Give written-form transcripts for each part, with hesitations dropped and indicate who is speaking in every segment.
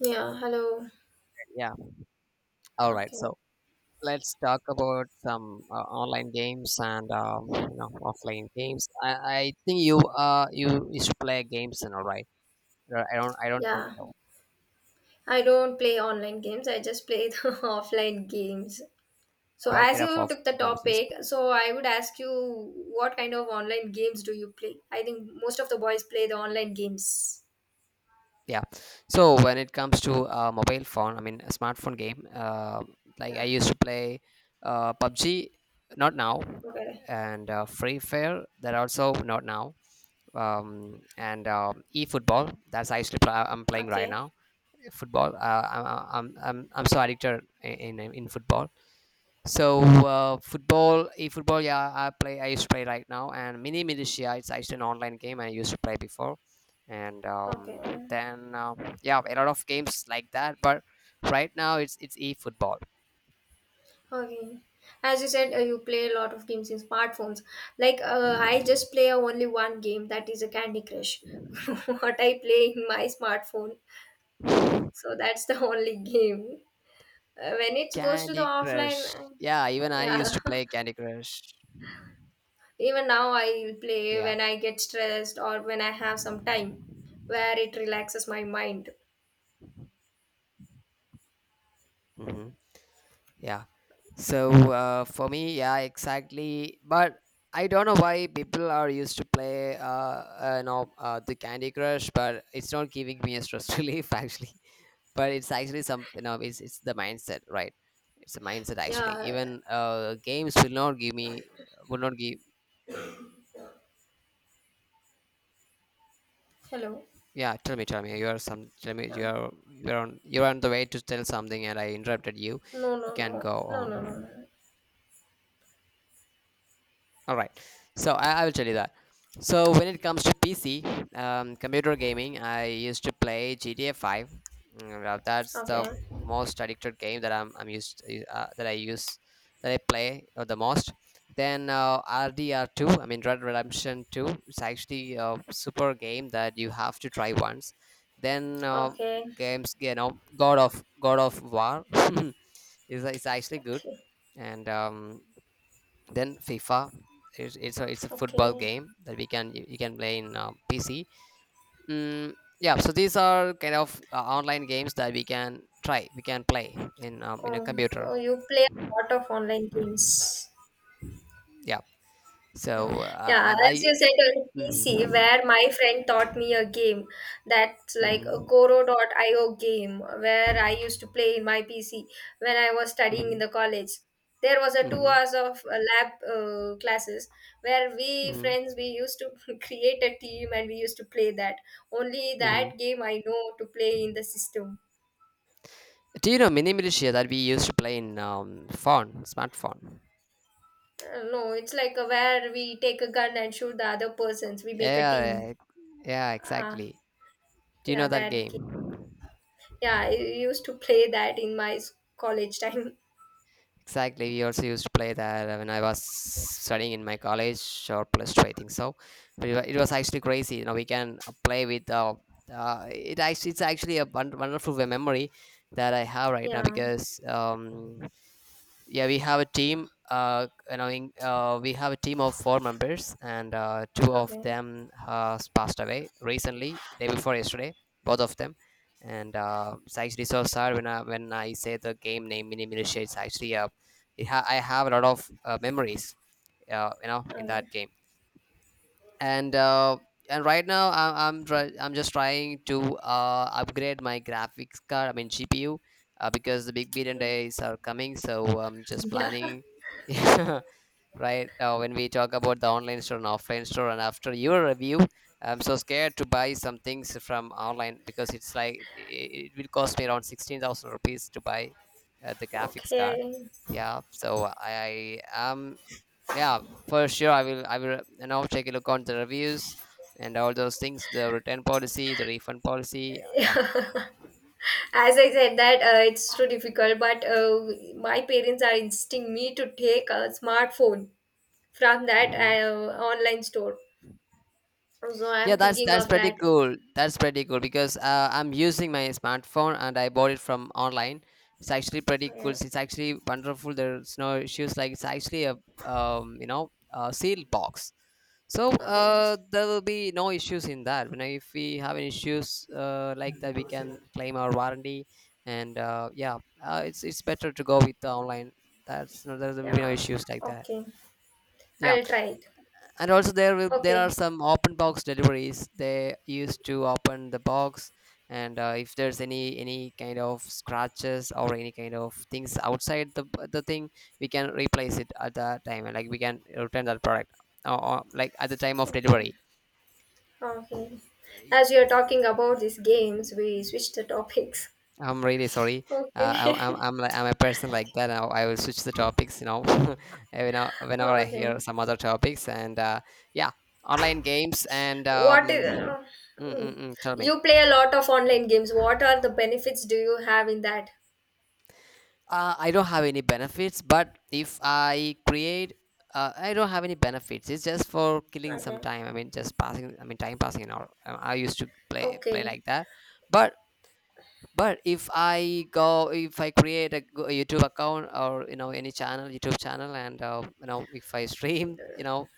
Speaker 1: Yeah, hello.
Speaker 2: Yeah. All right.
Speaker 1: Okay.
Speaker 2: So let's talk about some online games and offline games. I think you you used to play games and all right. I don't think
Speaker 1: Yeah,
Speaker 2: so.
Speaker 1: I don't play online games. I just play the offline games. So,
Speaker 2: What
Speaker 1: as
Speaker 2: kind of
Speaker 1: you took the
Speaker 2: offline games you
Speaker 1: topic,
Speaker 2: play?
Speaker 1: so I would ask you what kind of online games do you play? I think most of the boys play the online games.
Speaker 2: Yeah. So when it comes to mobile phone, I mean a smartphone game. Like I
Speaker 1: Yeah.
Speaker 2: used to play PUBG, not now,
Speaker 1: Okay.
Speaker 2: and Free Fire. That also not now. And e That's I used to play. I'm playing right
Speaker 1: Okay.
Speaker 2: now football. I'm so addicted in football. So football, e-football, yeah, I play. I used to play right now, and Mini Militia. It's actually an online game I used to play before, and
Speaker 1: Okay.
Speaker 2: then yeah, a lot of games like that. But right now, it's e-football.
Speaker 1: Okay. As you said, you play a lot of games in smartphones. Like, I just play only one game, that is a Candy Crush. What I play in my smartphone. So that's the only game. When it goes to the
Speaker 2: Candy
Speaker 1: offline,
Speaker 2: Crush. Yeah, even I used
Speaker 1: yeah,
Speaker 2: to play Candy Crush.
Speaker 1: even now I play
Speaker 2: Yeah.
Speaker 1: when I get stressed or when I have some time where it relaxes my mind.
Speaker 2: Hmm. Yeah. So for me, yeah, exactly. But I don't know why people are used to play, the Candy Crush, but it's not giving me a stress relief actually. But it's actually some, you know, it's the mindset, right? It's a mindset actually.
Speaker 1: Yeah,
Speaker 2: Even games will not give me, will not give.
Speaker 1: hello.
Speaker 2: Yeah, tell me, tell me. You are some. Tell me,
Speaker 1: Yeah.
Speaker 2: you're on the way to tell something, and I interrupted you.
Speaker 1: No,
Speaker 2: You
Speaker 1: no,
Speaker 2: can
Speaker 1: no,
Speaker 2: go
Speaker 1: no, no, no,
Speaker 2: on.
Speaker 1: no.
Speaker 2: All right. So I will tell you that. So when it comes to PC, computer gaming, I used to play GTA 5. That's the
Speaker 1: Okay,
Speaker 2: most addicted game that I'm used that I use that I play the most. Then RDR 2, I mean Red Dead Redemption 2. It's actually a super game that you have to try once. Then
Speaker 1: okay,
Speaker 2: games, you know, God of War is actually good,
Speaker 1: okay,
Speaker 2: and then FIFA. It's a football
Speaker 1: okay.
Speaker 2: game that you can play in PC. Mm, yeah, so these are kind of online games that we can play in a
Speaker 1: Oh,
Speaker 2: computer.
Speaker 1: no, you play a lot of online games.
Speaker 2: Yeah. So
Speaker 1: Yeah, as
Speaker 2: I.
Speaker 1: you said on PC,
Speaker 2: mhm,
Speaker 1: where my friend taught me a game that's like a
Speaker 2: mhm,
Speaker 1: Koro.io game, where I used to play in my PC when I was studying in
Speaker 2: mhm,
Speaker 1: the college. There was a two
Speaker 2: mhm,
Speaker 1: hours of lab classes where we
Speaker 2: mhm,
Speaker 1: friends we used to create a team and we used to play that. Only
Speaker 2: mhm.
Speaker 1: that game I know to play in the system.
Speaker 2: Do you know Mini Militia that we used to play in phone smartphone?
Speaker 1: No, it's like a, where we take a gun and shoot the other persons. We make a
Speaker 2: Yeah,
Speaker 1: team.
Speaker 2: yeah,
Speaker 1: Uh,
Speaker 2: exactly. Do you
Speaker 1: yeah,
Speaker 2: know that
Speaker 1: that game.
Speaker 2: game?
Speaker 1: Yeah, I used to play that in my college time.
Speaker 2: Exactly. We also used to play that when I was studying in my college or plus two, I think so. But it was actually crazy. You know, we can play with. It's actually a wonderful memory that I have right now
Speaker 1: Yeah.
Speaker 2: because yeah, we have a team. We have a team of four members, and two of
Speaker 1: Okay.
Speaker 2: them has passed away recently, day before yesterday, both of them. And it's actually so sad when I say the game name Mini Militia. It's actually I have a lot of memories. You know, in
Speaker 1: Okay.
Speaker 2: that game. And right now I'm just trying to upgrade my graphics card. I mean GPU, because the big billion days are coming. So I'm just
Speaker 1: Yeah.
Speaker 2: planning. Yeah, right. When we talk about the online store and offline store, and after your review, I'm so scared to buy some things from online because it will cost me around 16,000 rupees to buy the graphics card.
Speaker 1: Okay.
Speaker 2: Yeah, so I am, yeah, for sure I will, you know, take a look on the reviews and all those things, the return policy, the refund policy, yeah.
Speaker 1: As I said that it's too difficult, but my parents are insisting me to take a smartphone from that
Speaker 2: Mhm.
Speaker 1: online store. So
Speaker 2: Yeah,
Speaker 1: I'm
Speaker 2: that's
Speaker 1: thinking of
Speaker 2: pretty
Speaker 1: that.
Speaker 2: cool. That's pretty cool because I'm using my smartphone and I bought it from online. It's actually pretty cool.
Speaker 1: Okay.
Speaker 2: It's actually wonderful. There's no issues. Like it's actually a you know, a sealed box, so
Speaker 1: Okay.
Speaker 2: there will be no issues in that. You know, if we have any issues like that, we can claim our warranty. And yeah, it's better to go with the online. That's no, there will be no
Speaker 1: Yeah.
Speaker 2: issues like that.
Speaker 1: Okay.
Speaker 2: Yeah,
Speaker 1: I'll try it.
Speaker 2: and also there are
Speaker 1: Okay.
Speaker 2: some open box deliveries. They used to open the box, and if there's any kind of scratches or any kind of things outside the thing, we can replace it at that time, and like we can return that product, or like at the time of
Speaker 1: Okay.
Speaker 2: delivery.
Speaker 1: Okay.
Speaker 2: Y-
Speaker 1: As we are talking about these games, we switch the topics.
Speaker 2: I'm really sorry.
Speaker 1: Okay.
Speaker 2: I'm a person like that. Now I will switch the topics, you know, you know, whenever
Speaker 1: Oh,
Speaker 2: I
Speaker 1: okay.
Speaker 2: hear some other topics and yeah. Online games and
Speaker 1: What is, mm.
Speaker 2: tell me.
Speaker 1: you play a lot of online games. What are the benefits do you have in that?
Speaker 2: I don't have any benefits, but if I create, I don't have any benefits. It's just for killing some
Speaker 1: Okay.
Speaker 2: time. I mean, just passing. I mean, time passing. And all. I used to play
Speaker 1: Okay.
Speaker 2: like that. But but if if I create a YouTube account or you know any channel, YouTube channel, and you know, if I stream, you know,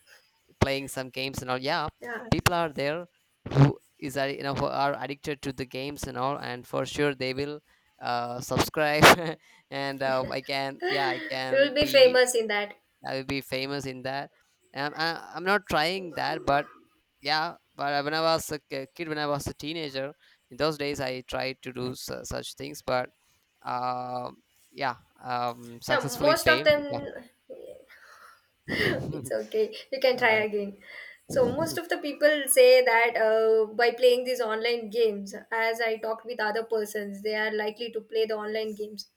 Speaker 2: playing some games and all, yeah,
Speaker 1: Yeah.
Speaker 2: people are there you know, who are addicted to the games and all, and for sure they will subscribe and I can, yeah, I
Speaker 1: You
Speaker 2: can
Speaker 1: will be
Speaker 2: be,
Speaker 1: famous in that.
Speaker 2: I will be famous in that. I'm not trying that, but yeah, but when I was a kid, when I was a teenager, in those days I tried to do such things, but um yeah,
Speaker 1: Yeah,
Speaker 2: successfully
Speaker 1: most of
Speaker 2: failed. Yeah.
Speaker 1: them. It's okay. You can
Speaker 2: All
Speaker 1: try
Speaker 2: right.
Speaker 1: again. So most of the people say that by playing these online games, as I talked with other persons, they are likely to play the online games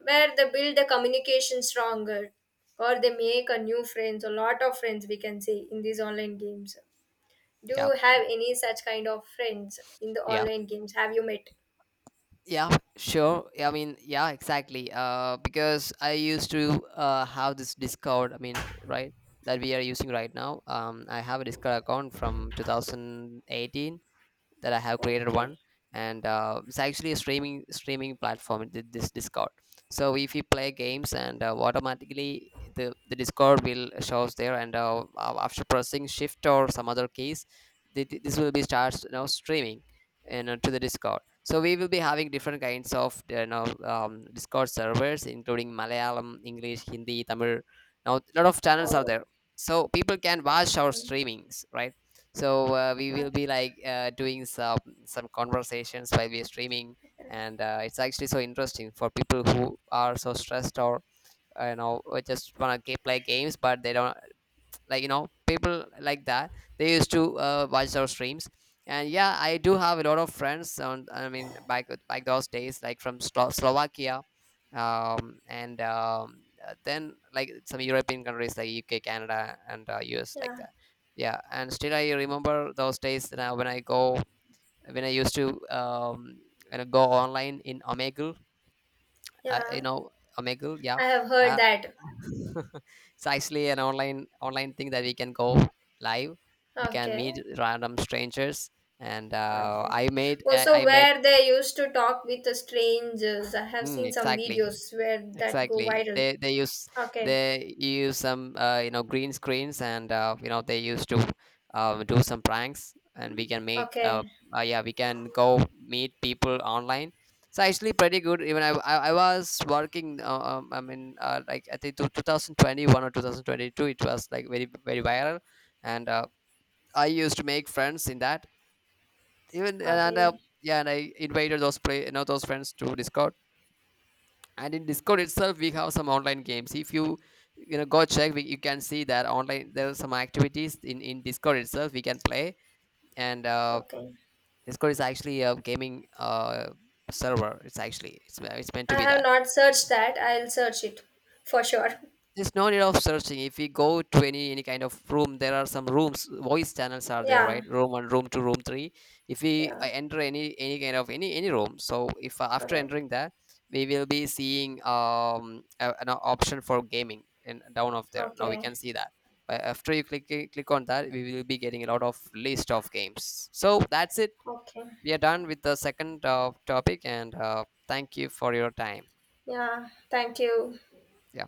Speaker 1: where they build the communication stronger, or they make a new friends, a lot of friends we can say in these online games. Do
Speaker 2: Yeah,
Speaker 1: you have any such kind of friends in the
Speaker 2: yeah.
Speaker 1: online games? Have you met?
Speaker 2: Yeah, sure. Yeah, I mean, yeah, exactly. Because I used to have this Discord. I mean, right, that we are using right now. I have a Discord account from 2018, that I have created
Speaker 1: Okay.
Speaker 2: one, and it's actually a streaming platform. This Discord. So if you play games, and automatically the Discord will shows there, and after pressing Shift or some other keys, this will be starts, you know, streaming, you know, to the Discord. So we will be having different kinds of, you know, Discord servers, including Malayalam, English, Hindi, Tamil. Now a lot of channels are
Speaker 1: Oh,
Speaker 2: there, so people can watch our
Speaker 1: okay.
Speaker 2: streamings, right? So we will be
Speaker 1: Okay.
Speaker 2: like doing some conversations while we're streaming, and it's actually so interesting for people who are so stressed or you know, or just want to play games but they don't, like, you know, people like that, they used to watch our streams. And yeah, I do have a lot of friends on, I mean, back those days, like from Slovakia, and then like some European countries like UK, Canada, and US, like
Speaker 1: Yeah.
Speaker 2: that. Yeah, and still I remember those days that I, when I go when I used to kind of go online in Omegle, uh, you
Speaker 1: Yeah.
Speaker 2: know Omegle, yeah.
Speaker 1: I have heard
Speaker 2: uh,
Speaker 1: that.
Speaker 2: it's actually an online thing that we can go live, we can
Speaker 1: Okay.
Speaker 2: meet random strangers, and
Speaker 1: Okay. Well,
Speaker 2: I
Speaker 1: so
Speaker 2: made.
Speaker 1: where they used to talk with the strangers, I have seen some
Speaker 2: Exactly.
Speaker 1: videos where that go
Speaker 2: Exactly.
Speaker 1: viral. Okay.
Speaker 2: They use some, you know, green screens, and you know, they used to do some pranks, and we can make
Speaker 1: Okay.
Speaker 2: yeah, we can go meet people online. It's actually pretty good. Even I was working like I think 2021 or 2022, it was like very viral. And I used to make friends in that even, and
Speaker 1: Okay.
Speaker 2: yeah. And I invited those play you know, those friends to Discord. And in discord itself we have some online games. If you, you know, go check, you can see that online there are some activities in discord itself we can play. And
Speaker 1: Okay.
Speaker 2: discord is actually a gaming server. It's meant to
Speaker 1: I
Speaker 2: be
Speaker 1: have
Speaker 2: that.
Speaker 1: not searched that. I'll search it for sure.
Speaker 2: There's no need of searching. If we go to any kind of room, there are some rooms, voice channels are there,
Speaker 1: Yeah.
Speaker 2: right? Room one, room two, room three. If we
Speaker 1: Yeah.
Speaker 2: enter any kind of any room, so if after
Speaker 1: Okay.
Speaker 2: entering that, we will be seeing an option for gaming, and down of there now we
Speaker 1: Okay.
Speaker 2: can see that. But after you click click on that, we will be getting a lot of list of games. So that's it.
Speaker 1: Okay.
Speaker 2: We are done with the second topic, and thank you for your time.
Speaker 1: Yeah. Thank you.
Speaker 2: Yeah.